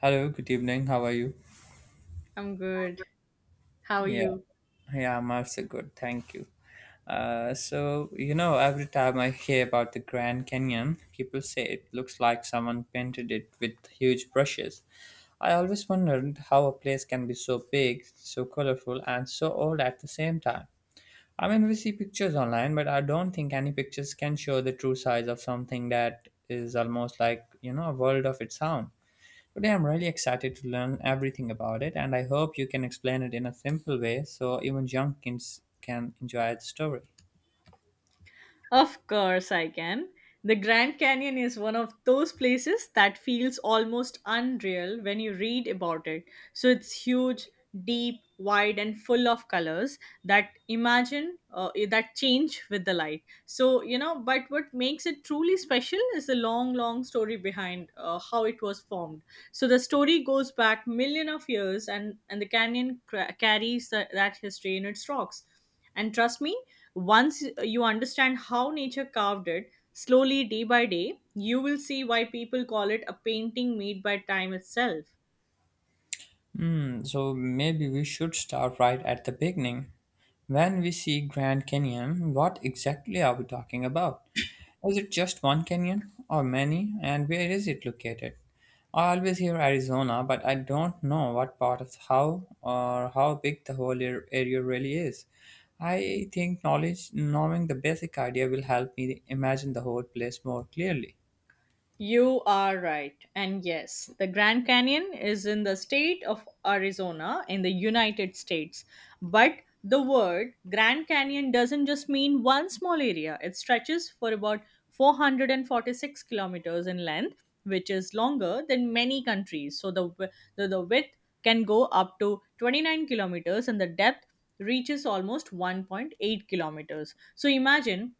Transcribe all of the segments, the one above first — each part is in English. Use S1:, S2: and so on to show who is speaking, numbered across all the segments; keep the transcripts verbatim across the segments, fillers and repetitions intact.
S1: Hello, good evening. How are you?
S2: I'm good. How are
S1: Yeah,
S2: you?
S1: yeah, I'm also good. Thank you. Uh, so, you know, every time I hear about the Grand Canyon, people say it looks like someone painted it with huge brushes. I always wondered how a place can be so big, so colorful, and so old at the same time. I mean, we see pictures online, but I don't think any pictures can show the true size of something that is almost like, you know, a world of its own. Today, I'm really excited to learn everything about it, and I hope you can explain it in a simple way so even young kids can enjoy the story.
S2: Of course, I can. The Grand Canyon is one of those places that feels almost unreal when you read about it. So it's huge, deep, wide, and full of colors that imagine uh, that change with the light. So, you know, but what makes it truly special is the long, long story behind uh, how it was formed. So the story goes back million of years, and, and the canyon cra- carries the, that history in its rocks. And trust me, once you understand how nature carved it, slowly day by day, you will see why people call it a painting made by time itself.
S1: Hmm, so maybe we should start right at the beginning. When we see Grand Canyon, what exactly are we talking about? Is it just one canyon or many, and where is it located? I always hear Arizona, but I don't know what part of how or how big the whole ar- area really is. I think knowledge, knowing the basic idea, will help me imagine the whole place more clearly.
S2: You are right. And yes, the Grand Canyon is in the state of Arizona in the United States. But the word Grand Canyon doesn't just mean one small area. It stretches for about 446 kilometers in length, which is longer than many countries. So the, wi- the, the width can go up to twenty-nine kilometers, and the depth reaches almost one point eight kilometers. So imagine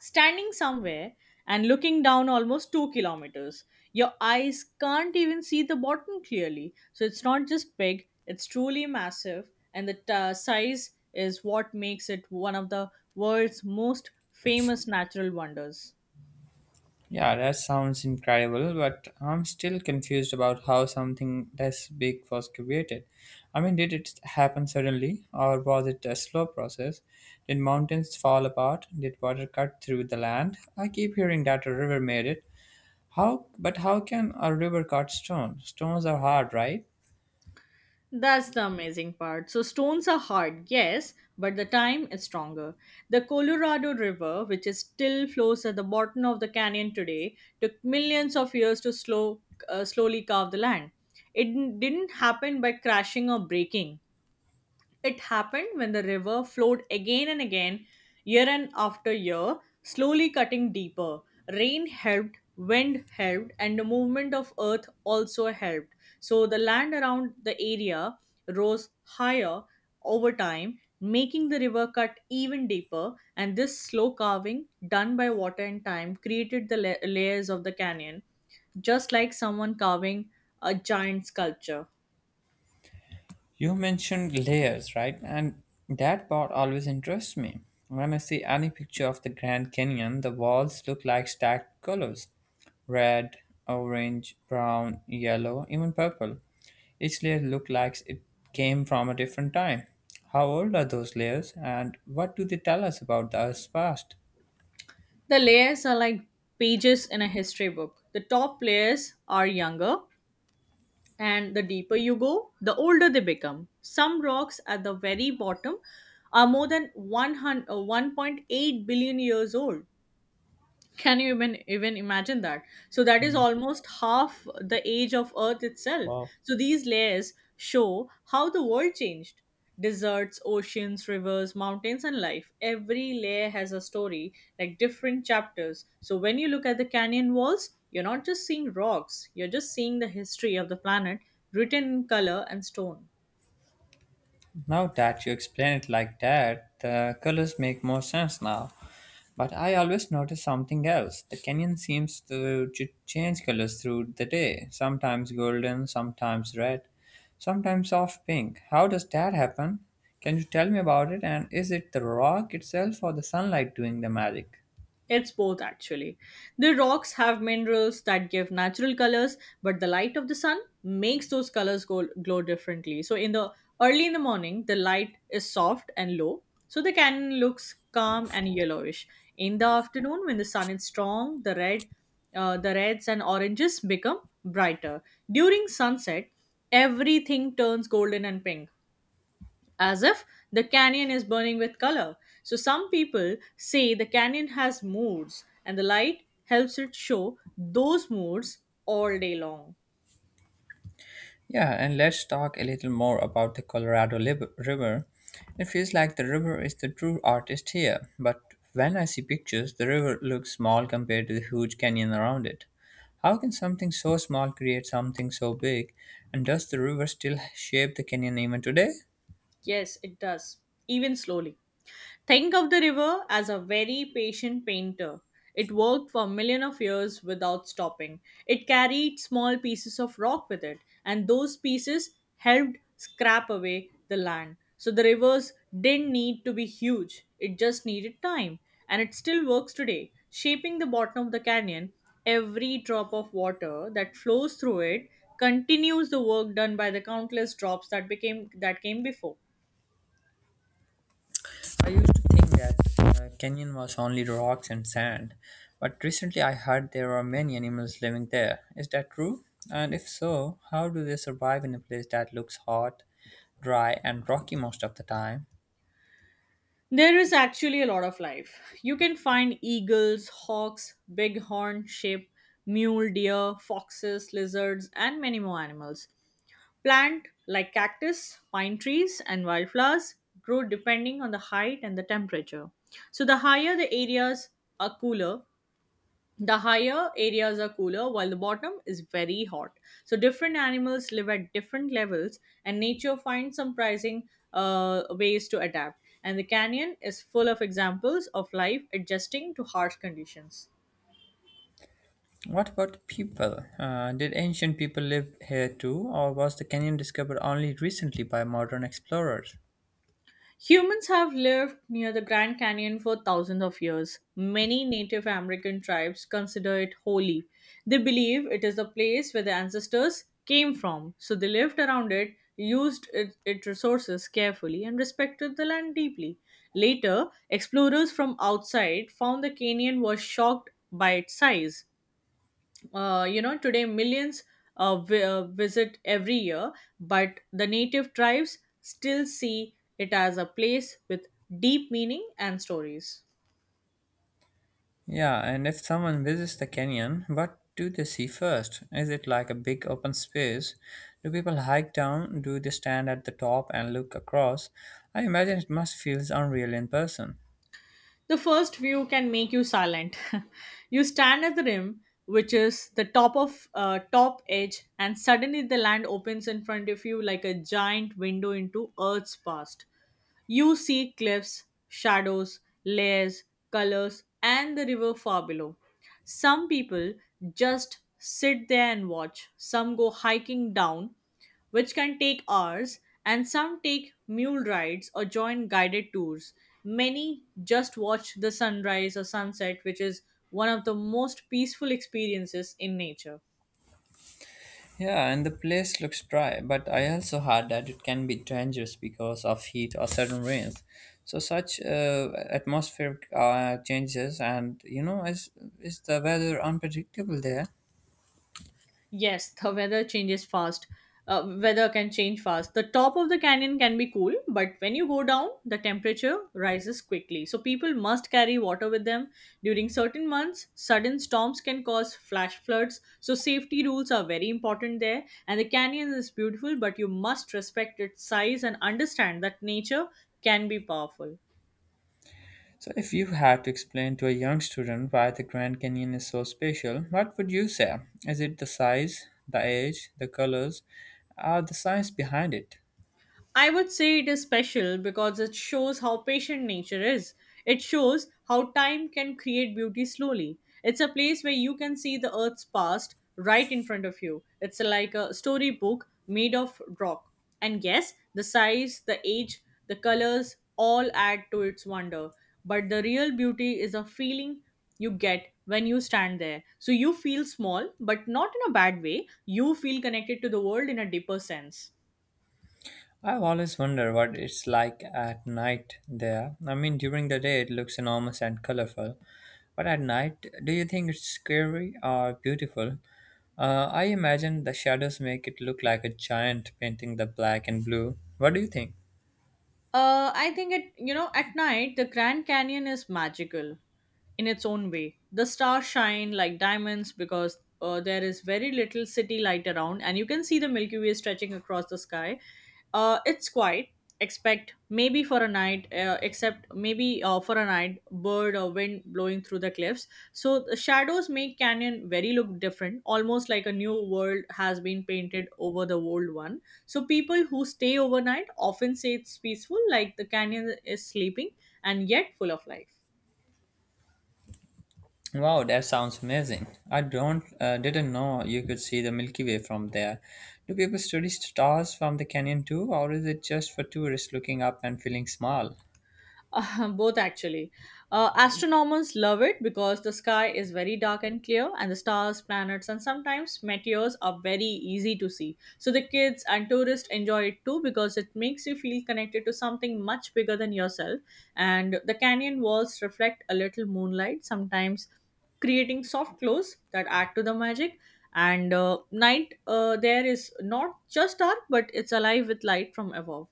S2: standing somewhere and looking down almost two kilometers. Your eyes can't even see the bottom clearly. So it's not just big, it's truly massive, and the uh, size is what makes it one of the world's most famous natural wonders.
S1: Yeah, that sounds incredible, but I'm still confused about how something this big was created. I mean, did it happen suddenly, or was it a slow process? Did mountains fall apart? Did water cut through the land? I keep hearing that a river made it. How? But how can a river cut stone? Stones are hard, right?
S2: That's the amazing part. So, stones are hard, yes, but the time is stronger. The Colorado River, which is still flows at the bottom of the canyon today, took millions of years to slow, uh, slowly carve the land. It didn't happen by crashing or breaking. It happened when the river flowed again and again, year and after year, slowly cutting deeper. Rain helped, wind helped, and the movement of earth also helped. So the land around the area rose higher over time, making the river cut even deeper. And this slow carving, done by water and time, created the la- layers of the canyon, just like someone carving a giant sculpture.
S1: You mentioned layers, right? And that part always interests me. When I see any picture of the Grand Canyon, the walls look like stacked colors, red, orange, brown, yellow, even purple. Each layer looks like it came from a different time. How old are those layers, and what do they tell us about the Earth's past?
S2: The layers are like pages in a history book. The top layers are younger, and the deeper you go, the older they become. Some rocks at the very bottom are more than one hundred, uh, one point eight billion years old. Can you even even imagine that? So that is
S1: Mm,
S2: almost half the age of Earth itself.
S1: wow.
S2: So these layers show how the world changed. Deserts, oceans, rivers, mountains, and life. Every layer has a story, like different chapters. So when you look at the canyon walls, you're not just seeing rocks, you're just seeing the history of the planet written in color and stone.
S1: Now that you explain it like that, the colors make more sense now. But I always notice something else. The canyon seems to ch- change colors through the day, sometimes golden, sometimes red, sometimes soft pink. How does that happen? Can you tell me about it? And is it the rock itself or the sunlight doing the magic?
S2: It's both actually. The rocks have minerals that give natural colors, but the light of the sun makes those colors go, glow differently. So in the early in the morning, the light is soft and low, so the canyon looks calm and yellowish. In the afternoon, when the sun is strong, the red, uh, the reds and oranges become brighter. During sunset, everything turns golden and pink, as if the canyon is burning with color. So some people say the canyon has moods, and the light helps it show those moods all day long.
S1: Yeah, and let's talk a little more about the Colorado Lib- River. It feels like the river is the true artist here, but when I see pictures, the river looks small compared to the huge canyon around it. How can something so small create something so big? And does the river still shape the canyon even today?
S2: Yes, it does, even slowly. Think of the river as a very patient painter. It worked for millions of years without stopping. It carried small pieces of rock with it, and those pieces helped scrape away the land. So the rivers didn't need to be huge, it just needed time. And it still works today, shaping the bottom of the canyon. Every drop of water that flows through it continues the work done by the countless drops that became that came before.
S1: I used to think that uh, Canyon was only rocks and sand, but recently I heard there are many animals living there. Is that true? And if so, how do they survive in a place that looks hot, dry, and rocky most of the time?
S2: There is actually a lot of life. You can find eagles, hawks, bighorn, sheep, mule deer, foxes, lizards, and many more animals. Plant like cactus, pine trees, and wildflowers grow depending on the height and the temperature. So the higher the areas are cooler, the higher areas are cooler, while the bottom is very hot. So different animals live at different levels, and nature finds surprising uh, ways to adapt, and the canyon is full of examples of life adjusting to harsh conditions.
S1: What about people? Uh, did ancient people live here too, or was the canyon discovered only recently by modern explorers?
S2: Humans have lived near the Grand Canyon for thousands of years. Many Native American tribes consider it holy. They believe it is the place where their ancestors came from, so they lived around it, used it- its resources carefully, and respected the land deeply. Later, explorers from outside found the canyon was shocked by its size. Uh, you know today millions uh, vi- uh, visit every year, but the native tribes still see it as a place with deep meaning and stories.
S1: Yeah, and if someone visits the canyon, what do they see first? Is it like a big open space? Do people hike down? Do they stand at the top and look across? I imagine it must feel unreal in person.
S2: The first view can make you silent. You stand at the rim, which is the top of uh, top edge, and suddenly the land opens in front of you like a giant window into earth's past. You see cliffs, shadows, layers, colors, and the river far below. Some people just sit there and watch, some go hiking down, which can take hours, and some take mule rides or join guided tours. Many just watch the sunrise or sunset, which is one of the most peaceful experiences in nature.
S1: Yeah, and the place looks dry, but I also heard that it can be dangerous because of heat or sudden rains. So such uh, atmospheric uh, changes, and you know, is is the weather unpredictable there?
S2: Yes, the weather changes fast. Uh, weather can change fast. The top of the canyon can be cool, but when you go down, the temperature rises quickly. So people must carry water with them. During certain months, sudden storms can cause flash floods. So safety rules are very important there. And the canyon is beautiful, but you must respect its size and understand that nature can be powerful.
S1: So, if you had to explain to a young student why the Grand Canyon is so special, what would you say? Is it the size, the age, the colors, or the science behind it?
S2: I would say it is special because it shows how patient nature is. It shows how time can create beauty slowly. It's a place where you can see the earth's past right in front of you. It's like a storybook made of rock. And yes, the size, the age, the colors all add to its wonder. But the real beauty is a feeling you get when you stand there. So you feel small, but not in a bad way. You feel connected to the world in a deeper sense.
S1: I've always wondered what it's like at night there. I mean, during the day it looks enormous and colorful, but at night, do you think it's scary or beautiful? Uh, I imagine the shadows make it look like a giant painting, the black and blue. What do you think?
S2: Uh, I think it, you know, at night, the Grand Canyon is magical in its own way. The stars shine like diamonds because uh, there is very little city light around, and you can see the Milky Way stretching across the sky. Uh, it's quiet, expect maybe for a night, uh, except maybe uh, for a night bird or wind blowing through the cliffs. So the shadows make Canyon very look different, almost like a new world has been painted over the old one. So people who stay overnight often say it's peaceful, like the canyon is sleeping and yet full of life.
S1: Wow, that sounds amazing. I don't uh, didn't know you could see the Milky Way from there. Do people study stars from the canyon too, or is it just for tourists looking up and feeling small?
S2: Uh, both actually. Uh, astronomers love it because the sky is very dark and clear, and the stars, planets, and sometimes meteors are very easy to see. So the kids and tourists enjoy it too, because it makes you feel connected to something much bigger than yourself. And the canyon walls reflect a little moonlight, sometimes creating soft glows that add to the magic. And uh, night uh, there is not just dark, but it's alive with light from above.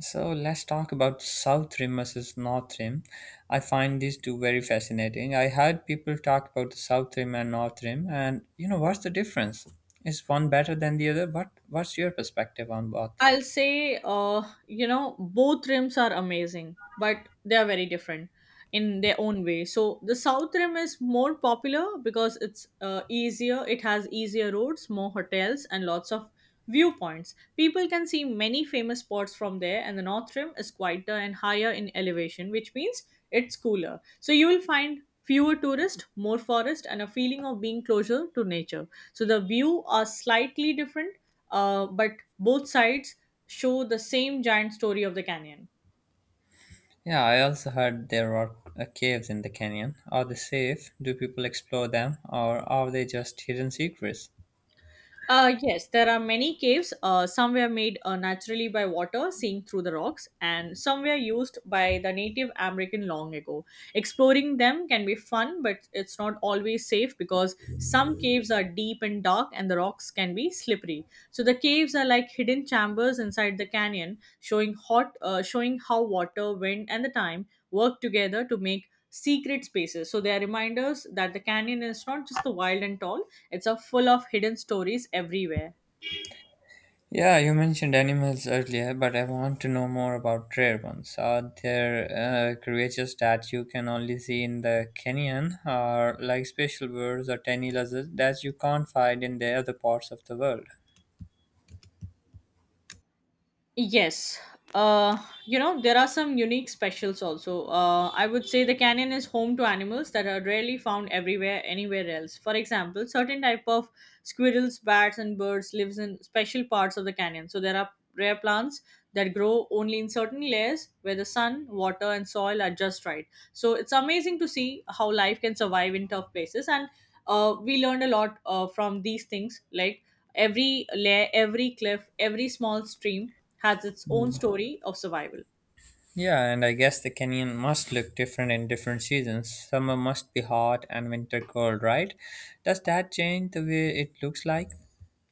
S1: So let's talk about South Rim versus North Rim. I find these two very fascinating. I heard people talk about the South Rim and North Rim, and you know what's the difference? Is one better than the other? What what's your perspective on both?
S2: I'll say, uh, you know, both rims are amazing, but they are very different in their own way. So the south rim is more popular because it's uh, easier. It has easier roads, more hotels, and lots of viewpoints. People can see many famous spots from there, and the north rim is quieter and higher in elevation, which means it's cooler. So you will find fewer tourists, more forest, and a feeling of being closer to nature. So the view are slightly different uh, but both sides show the same giant story of the canyon.
S1: Yeah, I also heard there are uh, caves in the canyon. Are they safe? Do people explore them, or are they just hidden secrets?
S2: Uh, yes, there are many caves. Uh, some were made uh, naturally by water, seeing through the rocks, and some were used by the Native American long ago. Exploring them can be fun, but it's not always safe because some caves are deep and dark, and the rocks can be slippery. So the caves are like hidden chambers inside the canyon, showing hot, uh, showing how water, wind, and the time work together to make secret spaces. So they are reminders that the canyon is not just the wild and tall, it's a full of hidden stories everywhere.
S1: Yeah, you mentioned animals earlier, but I want to know more about rare ones. Are there uh, creatures that you can only see in the canyon, or like special birds or tiny lizards that you can't find in the other parts of the world?
S2: Yes. Uh, you know, there are some unique specials also. Uh, I would say the canyon is home to animals that are rarely found everywhere anywhere else. For example, certain type of squirrels, bats and birds lives in special parts of the canyon. So there are rare plants that grow only in certain layers where the sun, water and soil are just right. So it's amazing to see how life can survive in tough places, and uh, we learned a lot uh, from these things, like every layer, every cliff, every small stream has its own story of survival.
S1: Yeah, and I guess the canyon must look different in different seasons. Summer must be hot and winter cold, right? Does that change the way it looks like?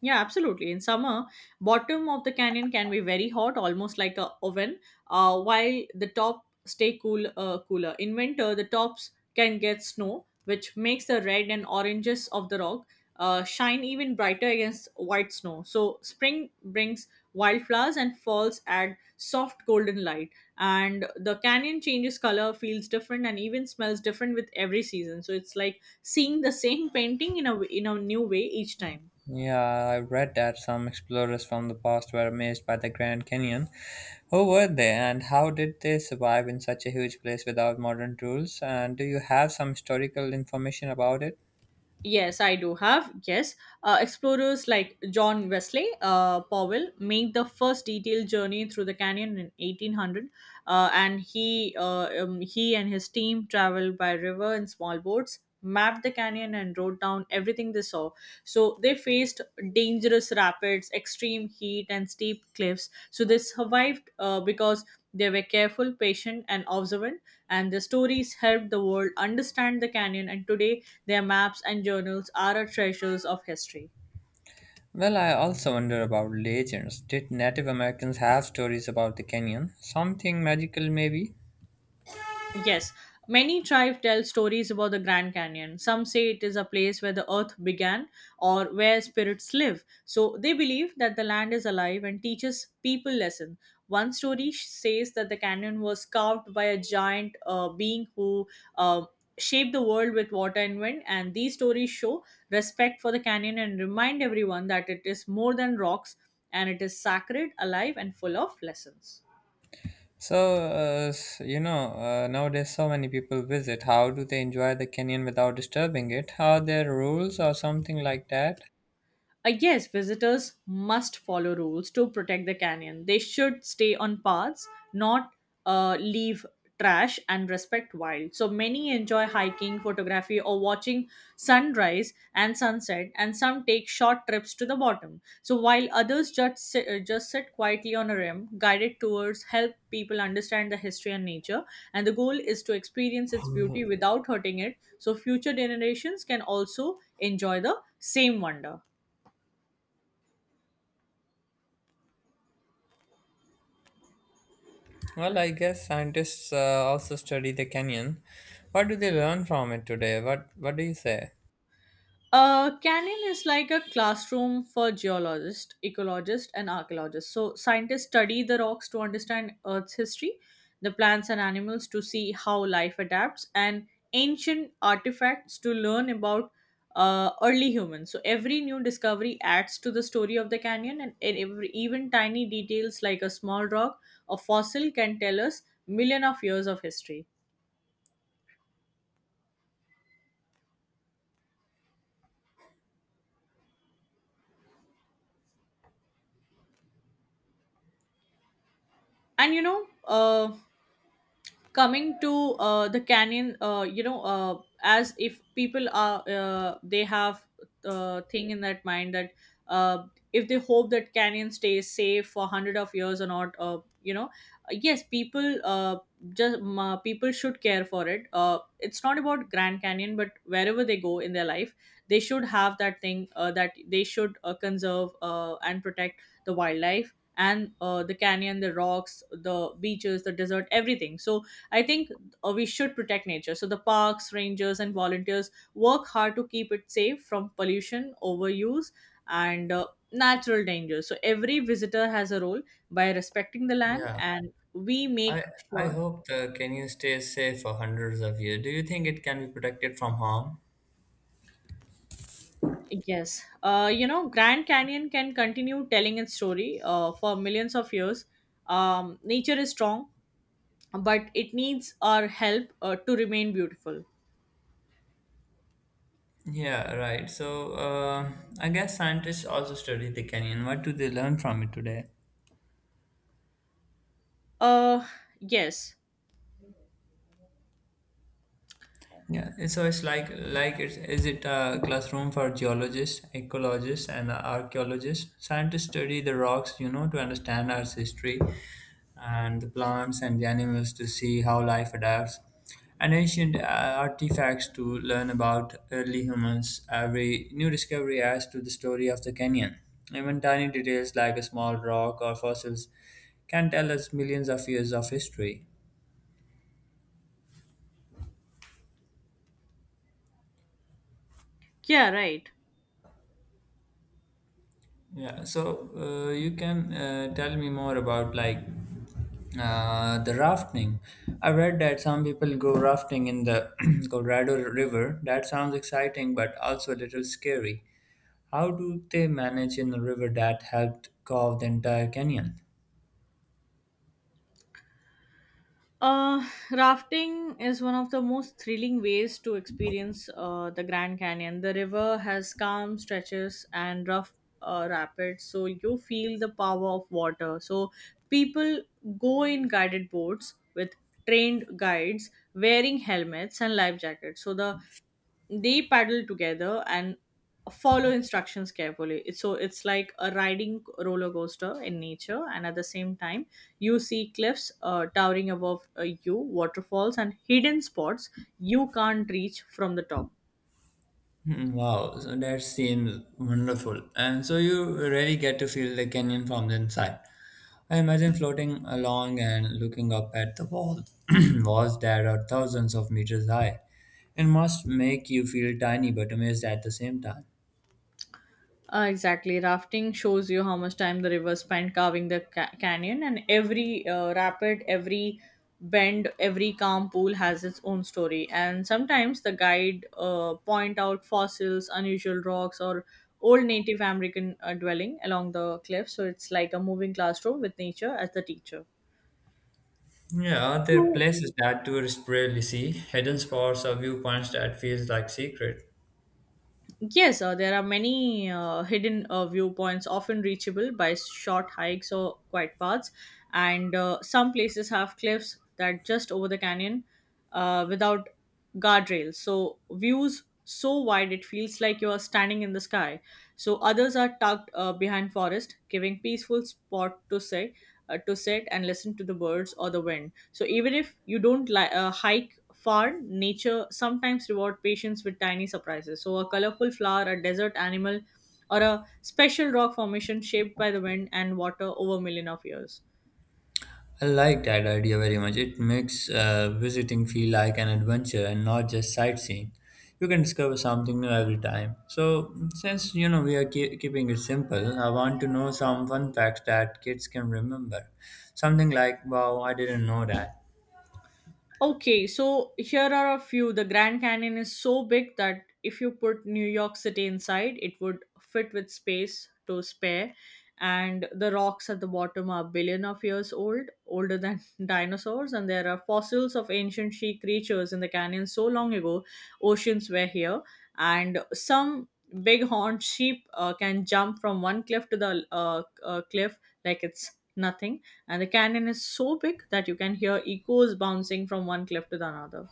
S2: Yeah, absolutely. In summer, bottom of the canyon can be very hot, almost like a oven, uh, while the top stay cool uh, cooler. In winter, the tops can get snow, which makes the red and oranges of the rock uh, shine even brighter against white snow. So spring brings wildflowers and falls add soft golden light, and the canyon changes color, feels different, and even smells different with every season. So it's like seeing the same painting in a w- in a new way each time.
S1: Yeah, I read that some explorers from the past were amazed by the Grand Canyon. Who were they and how did they survive in such a huge place without modern tools? And do you have some historical information about it?
S2: Yes, I do have. Yes. Uh, explorers like John Wesley uh, Powell made the first detailed journey through the canyon in eighteen hundred, uh, and he uh, um, he and his team traveled by river in small boats mapped the canyon and wrote down everything they saw. So they faced dangerous rapids, extreme heat, and steep cliffs. So they survived uh, because they were careful, patient, and observant. And their stories helped the world understand the canyon. And today, their maps and journals are a treasures of history.
S1: Well, I also wonder about legends. Did Native Americans have stories about the canyon? Something magical, maybe?
S2: Yes, many tribes tell stories about the Grand Canyon. Some say it is a place where the earth began or where spirits live. So they believe that the land is alive and teaches people lesson. One story sh- says that the canyon was carved by a giant uh, being who uh, shaped the world with water and wind. And these stories show respect for the canyon and remind everyone that it is more than rocks and it is sacred, alive, and full of lessons.
S1: So, uh, s- you know, uh, nowadays so many people visit. How do they enjoy the canyon without disturbing it? Are there rules or something like that?
S2: Uh, yes, visitors must follow rules to protect the canyon. They should stay on paths, not uh, leave trash, and respect wild. So many enjoy hiking, photography, or watching sunrise and sunset, and some take short trips to the bottom. So while others just sit, uh, just sit quietly on a rim, guided tours help people understand the history and nature, and the goal is to experience its beauty
S1: Uh,
S2: without hurting it, so future generations can also enjoy the same wonder.
S1: Well, I guess scientists uh, also study the canyon. What do they learn from it today? What What do you say?
S2: A canyon is like a classroom for geologists, ecologists, and archaeologists. So, scientists study the rocks to understand Earth's history, the plants and animals to see how life adapts, and ancient artifacts to learn about uh, early humans. So, every new discovery adds to the story of the canyon, and and every, even tiny details like a small rock or fossil can tell us million of years of history. And you know, uh, Coming to uh, the canyon, uh, you know uh, as if people are, uh, they have uh, thing in that mind that, uh, if they hope that canyon stays safe for hundred of years or not, uh, you know yes, people uh, just, uh, people should care for it. Uh, it's not about grand canyon but wherever they go in their life they should have that thing, uh, that they should uh, conserve uh, and protect the wildlife and, uh, the canyon, the rocks, the beaches, the desert, everything. So I think uh, we should protect nature. So the parks, rangers, and volunteers work hard to keep it safe from pollution, overuse, and uh, natural dangers. So every visitor has a role by respecting the land,
S1: Yeah,
S2: and we make
S1: I I
S2: sure.
S1: hope the canyon stays safe for hundreds of years. Do you think it can be protected from harm?
S2: Yes, uh, you know, Grand Canyon can continue telling its story uh, for millions of years. Um, nature is strong, but it needs our help uh, to remain beautiful.
S1: Yeah, right. So, uh, I guess scientists also study the canyon. What do they learn from it today?
S2: Uh, yes,
S1: Yeah, so it's like like it's is it a classroom for geologists, ecologists, and archaeologists? Scientists study the rocks, you know, to understand Earth's history, and the plants and the animals to see how life adapts, and ancient uh, artifacts to learn about early humans. Every new discovery adds to the story of the canyon. Even tiny details like a small rock or fossils can tell us millions of years of history.
S2: yeah, right.
S1: Yeah, so uh, you can uh, tell me more about like uh, the rafting. I read that some people go rafting in the Colorado River. That sounds exciting, but also a little scary. How do they manage in a river that helped carve the entire canyon?
S2: Uh, Rafting is one of the most thrilling ways to experience uh, the Grand Canyon. The river has calm stretches and rough uh, rapids, so you feel the power of water. So people go in guided boats with trained guides wearing helmets and life jackets. So the they paddle together and follow instructions carefully. It's- So it's like a riding roller coaster in nature, and at the same time, you see cliffs uh, towering above uh, you, waterfalls, and hidden spots you can't reach from the top.
S1: Hmm, wow, so that seems wonderful. And so you really get to feel the canyon from the inside. I imagine floating along and looking up at the wall, walls that are thousands of meters high. It must make you feel tiny but amazed at the same time.
S2: Uh, exactly. Rafting shows you how much time the river spent carving the ca- canyon, and every uh, rapid, every bend, every calm pool has its own story. And sometimes the guide uh, point out fossils, unusual rocks, or old Native American uh, dwelling along the cliff. So it's like a moving classroom with nature as the teacher.
S1: Yeah, are there
S2: So,
S1: places that tourists rarely see? Hidden spots or viewpoints that feels like secret?
S2: Yes, uh, there are many uh, hidden uh, viewpoints, often reachable by short hikes or quiet paths. And uh, some places have cliffs that just over the canyon uh, without guardrails. So, views so wide it feels like you are standing in the sky. So, others are tucked uh, behind forest, giving peaceful spot to sit uh, to sit and listen to the birds or the wind. So even if you don't li- uh, hike far, nature sometimes reward patience with tiny surprises. So a colorful flower, a desert animal, or a special rock formation shaped by the wind and water over a million of years.
S1: I like that idea very much. It makes uh, visiting feel like an adventure and not just sightseeing. You can discover something new every time. So, since you know we are keep keeping it simple, I want to know some fun facts that kids can remember. Something like, "Wow, I didn't know that."
S2: Okay, so here are a few. The Grand Canyon is so big that if you put New York City inside, it would fit with space to spare. And the rocks at the bottom are billion of years old, older than dinosaurs, and there are fossils of ancient sea creatures in the canyon so long ago, oceans were here. And some bighorn sheep uh, can jump from one cliff to the uh, uh, cliff like it's nothing, and the canyon is so big that you can hear echoes bouncing from one cliff to the another.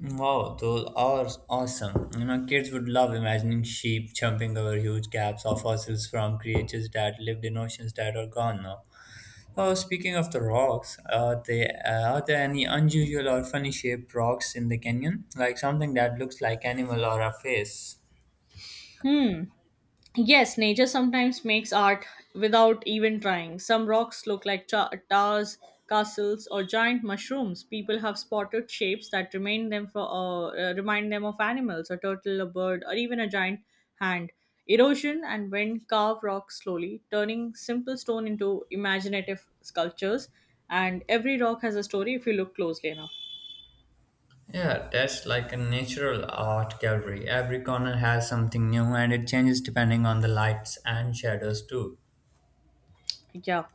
S1: Wow, those are awesome. You know, kids would love imagining sheep jumping over huge gaps of fossils from creatures that lived in oceans that are gone now. Oh, speaking of the rocks, are there are there any unusual or funny shaped rocks in the canyon? Like something that looks like animal or a face?
S2: Hmm. Yes, nature sometimes makes art without even trying. Some rocks look like cha- towers, castles, or giant mushrooms. People have spotted shapes that remind them for uh, uh, remind them of animals, a turtle, a bird, or even a giant hand. Erosion and wind carve rocks slowly, turning simple stone into imaginative sculptures. And every rock has a story if you look closely enough.
S1: Yeah, that's like a natural art gallery. Every corner has something new, and it changes depending on the lights and shadows too.
S2: Yeah.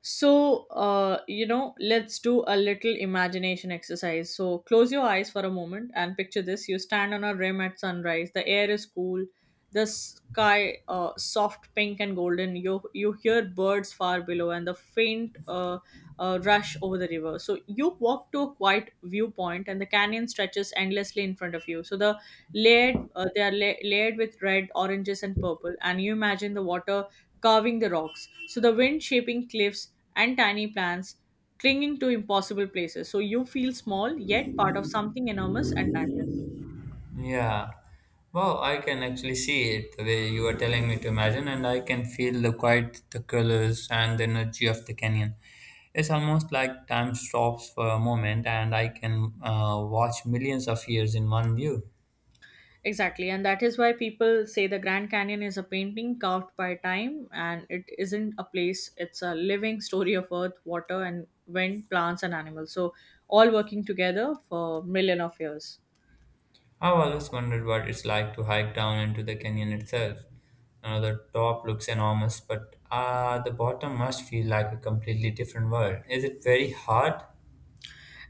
S2: So, uh, you know, let's do a little imagination exercise. So, close your eyes for a moment and picture this. You stand on a rim at sunrise. The air is cool, the sky uh, soft pink and golden. You, you hear birds far below and the faint uh, uh, rush over the river. So, you walk to a quiet viewpoint and the canyon stretches endlessly in front of you. So, the layered, uh, they are la- layered with red, oranges, and purple. And you imagine the water carving the rocks. So the wind shaping cliffs and tiny plants clinging to impossible places. So you feel small yet part of something enormous and timeless.
S1: Yeah. Wow, I can actually see it the way you are telling me to imagine, and I can feel the quiet, the colors, and the energy of the canyon. It's almost like time stops for a moment, and I can uh, watch millions of years in one view.
S2: Exactly, and that is why people say the Grand Canyon is a painting carved by time, and it isn't a place, it's a living story of earth, water and wind, plants and animals. So all working together for million of years.
S1: I've always wondered what it's like to hike down into the canyon itself. You know, the top looks enormous, but uh, the bottom must feel like a completely different world. Is it very hard?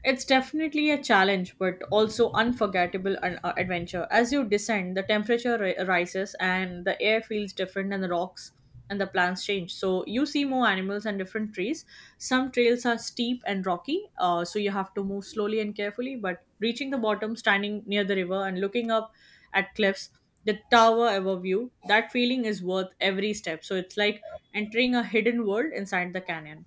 S2: It's definitely a challenge, but also unforgettable an uh, adventure. As you descend, the temperature ri- rises and the air feels different, and the rocks and the plants change. So you see more animals and different trees. Some trails are steep and rocky, uh, so you have to move slowly and carefully. But reaching the bottom, standing near the river and looking up at cliffs, the tower overview, that feeling is worth every step. So it's like entering a hidden world inside the canyon.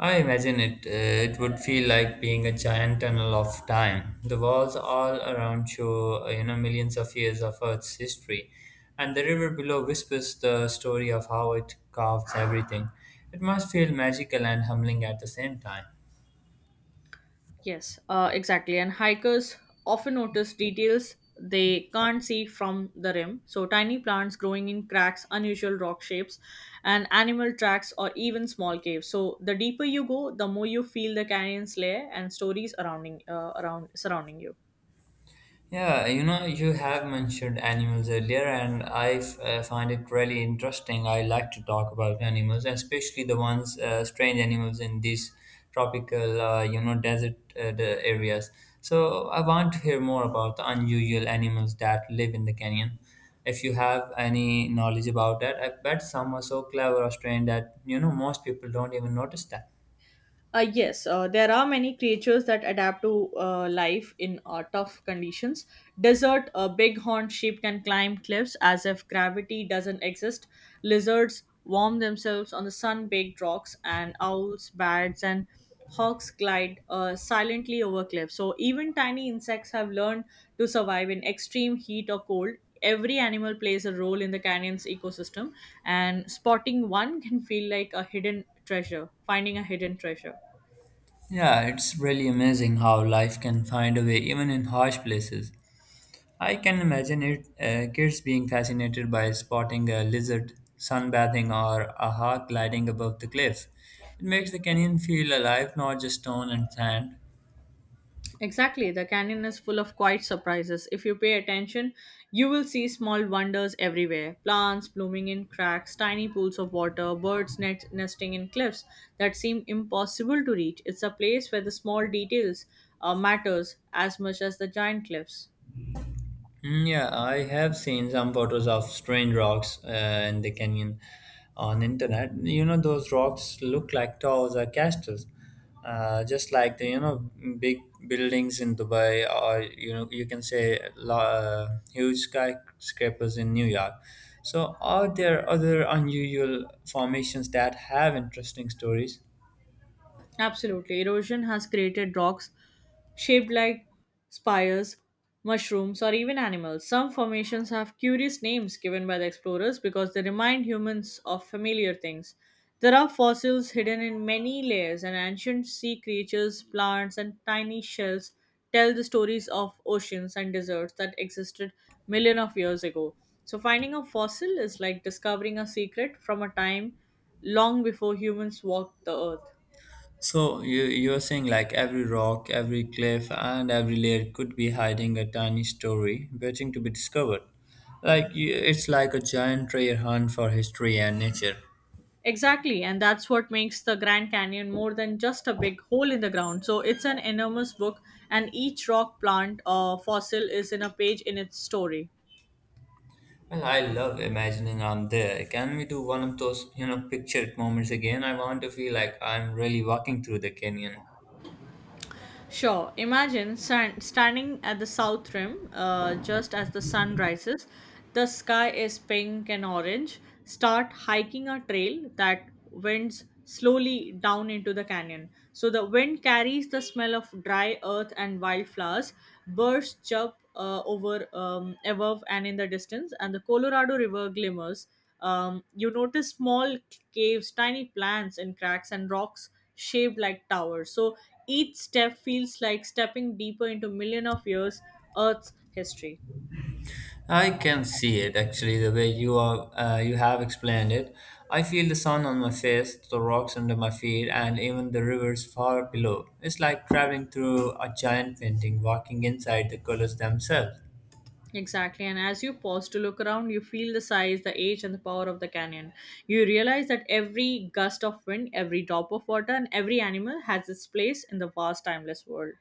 S1: I imagine it. uh, It would feel like being a giant tunnel of time. The walls all around show, uh, you know, millions of years of Earth's history, and the river below whispers the story of how it carves everything. It must feel magical and humbling at the same time.
S2: Yes, uh, exactly. And hikers often notice details they can't see from the rim. So, tiny plants growing in cracks, unusual rock shapes, and animal tracks, or even small caves. So, the deeper you go, the more you feel the canyon's layer and stories surrounding, uh, around surrounding you.
S1: Yeah, you know, you have mentioned animals earlier, and I f- uh, find it really interesting. I like to talk about animals, especially the ones, uh, strange animals in these tropical, uh, you know, desert uh, the areas. So I want to hear more about the unusual animals that live in the canyon. If you have any knowledge about that, I bet some are so clever or strange that, you know, most people don't even notice that.
S2: Uh, yes, uh, there are many creatures that adapt to uh, life in uh, tough conditions. Desert, a bighorn sheep can climb cliffs as if gravity doesn't exist. Lizards warm themselves on the sun baked rocks, and owls, bats, and hawks glide uh, silently over cliffs. So, even tiny insects have learned to survive in extreme heat or cold. Every animal plays a role in the canyon's ecosystem, and spotting one can feel like a hidden treasure, finding a hidden treasure.
S1: Yeah, it's really amazing how life can find a way even in harsh places. I can imagine it, uh, kids being fascinated by spotting a lizard sunbathing or a hawk gliding above the cliff. It makes the canyon feel alive, not just stone and sand.
S2: Exactly, the canyon is full of quiet surprises. If you pay attention, you will see small wonders everywhere, plants blooming in cracks, tiny pools of water, birds net- nesting in cliffs that seem impossible to reach. It's a place where the small details uh, matters as much as the giant cliffs.
S1: Mm, yeah, I have seen some photos of strange rocks uh, in the canyon on internet. You know, those rocks look like towers or castles, uh, just like the you know big buildings in Dubai, or you know you can say lo- uh, huge skyscrapers in New York. So, are there other unusual formations that have interesting stories?
S2: Absolutely. Erosion has created rocks shaped like spires, mushrooms, or even animals. Some formations have curious names given by the explorers because they remind humans of familiar things. There are fossils hidden in many layers, and ancient sea creatures, plants, and tiny shells tell the stories of oceans and deserts that existed millions of years ago. So, finding a fossil is like discovering a secret from a time long before humans walked the earth.
S1: So you you're saying like every rock, every cliff, and every layer could be hiding a tiny story waiting to be discovered. Like you, it's like a giant treasure hunt for history and nature.
S2: Exactly, and that's what makes the Grand Canyon more than just a big hole in the ground. So it's an enormous book, and each rock plant or fossil is in a page in its story.
S1: Well, I love imagining I'm there. Can we do one of those you know pictured moments again? I want to feel like I'm really walking through the canyon.
S2: Sure. Imagine san- standing at the south rim uh, just as the sun rises. The sky is pink and orange. Start hiking a trail that winds slowly down into the canyon. So the wind carries the smell of dry earth and wildflowers. Birds chirp uh, over um, above and in the distance, and the Colorado River glimmers. Um, you notice small caves, tiny plants in cracks, and rocks shaped like towers. So each step feels like stepping deeper into million of years Earth's history.
S1: I can see it actually the way you are uh, you have explained it. I feel the sun on my face, the rocks under my feet, and even the rivers far below. It's like traveling through a giant painting, walking inside the colors themselves.
S2: Exactly, and as you pause to look around, you feel the size, the age, and the power of the canyon. You realize that every gust of wind, every drop of water, and every animal has its place in the vast, timeless world.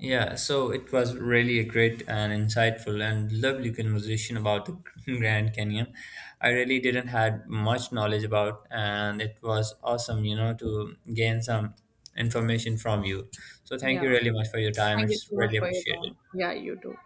S1: Yeah, so it was really a great and insightful and lovely conversation about the Grand Canyon. I really didn't had much knowledge about, and it was awesome, you know, to gain some information from you. So thank you really much for your time.
S2: Thank you
S1: It's
S2: so much
S1: really
S2: for your time.
S1: appreciated.
S2: Yeah, you too.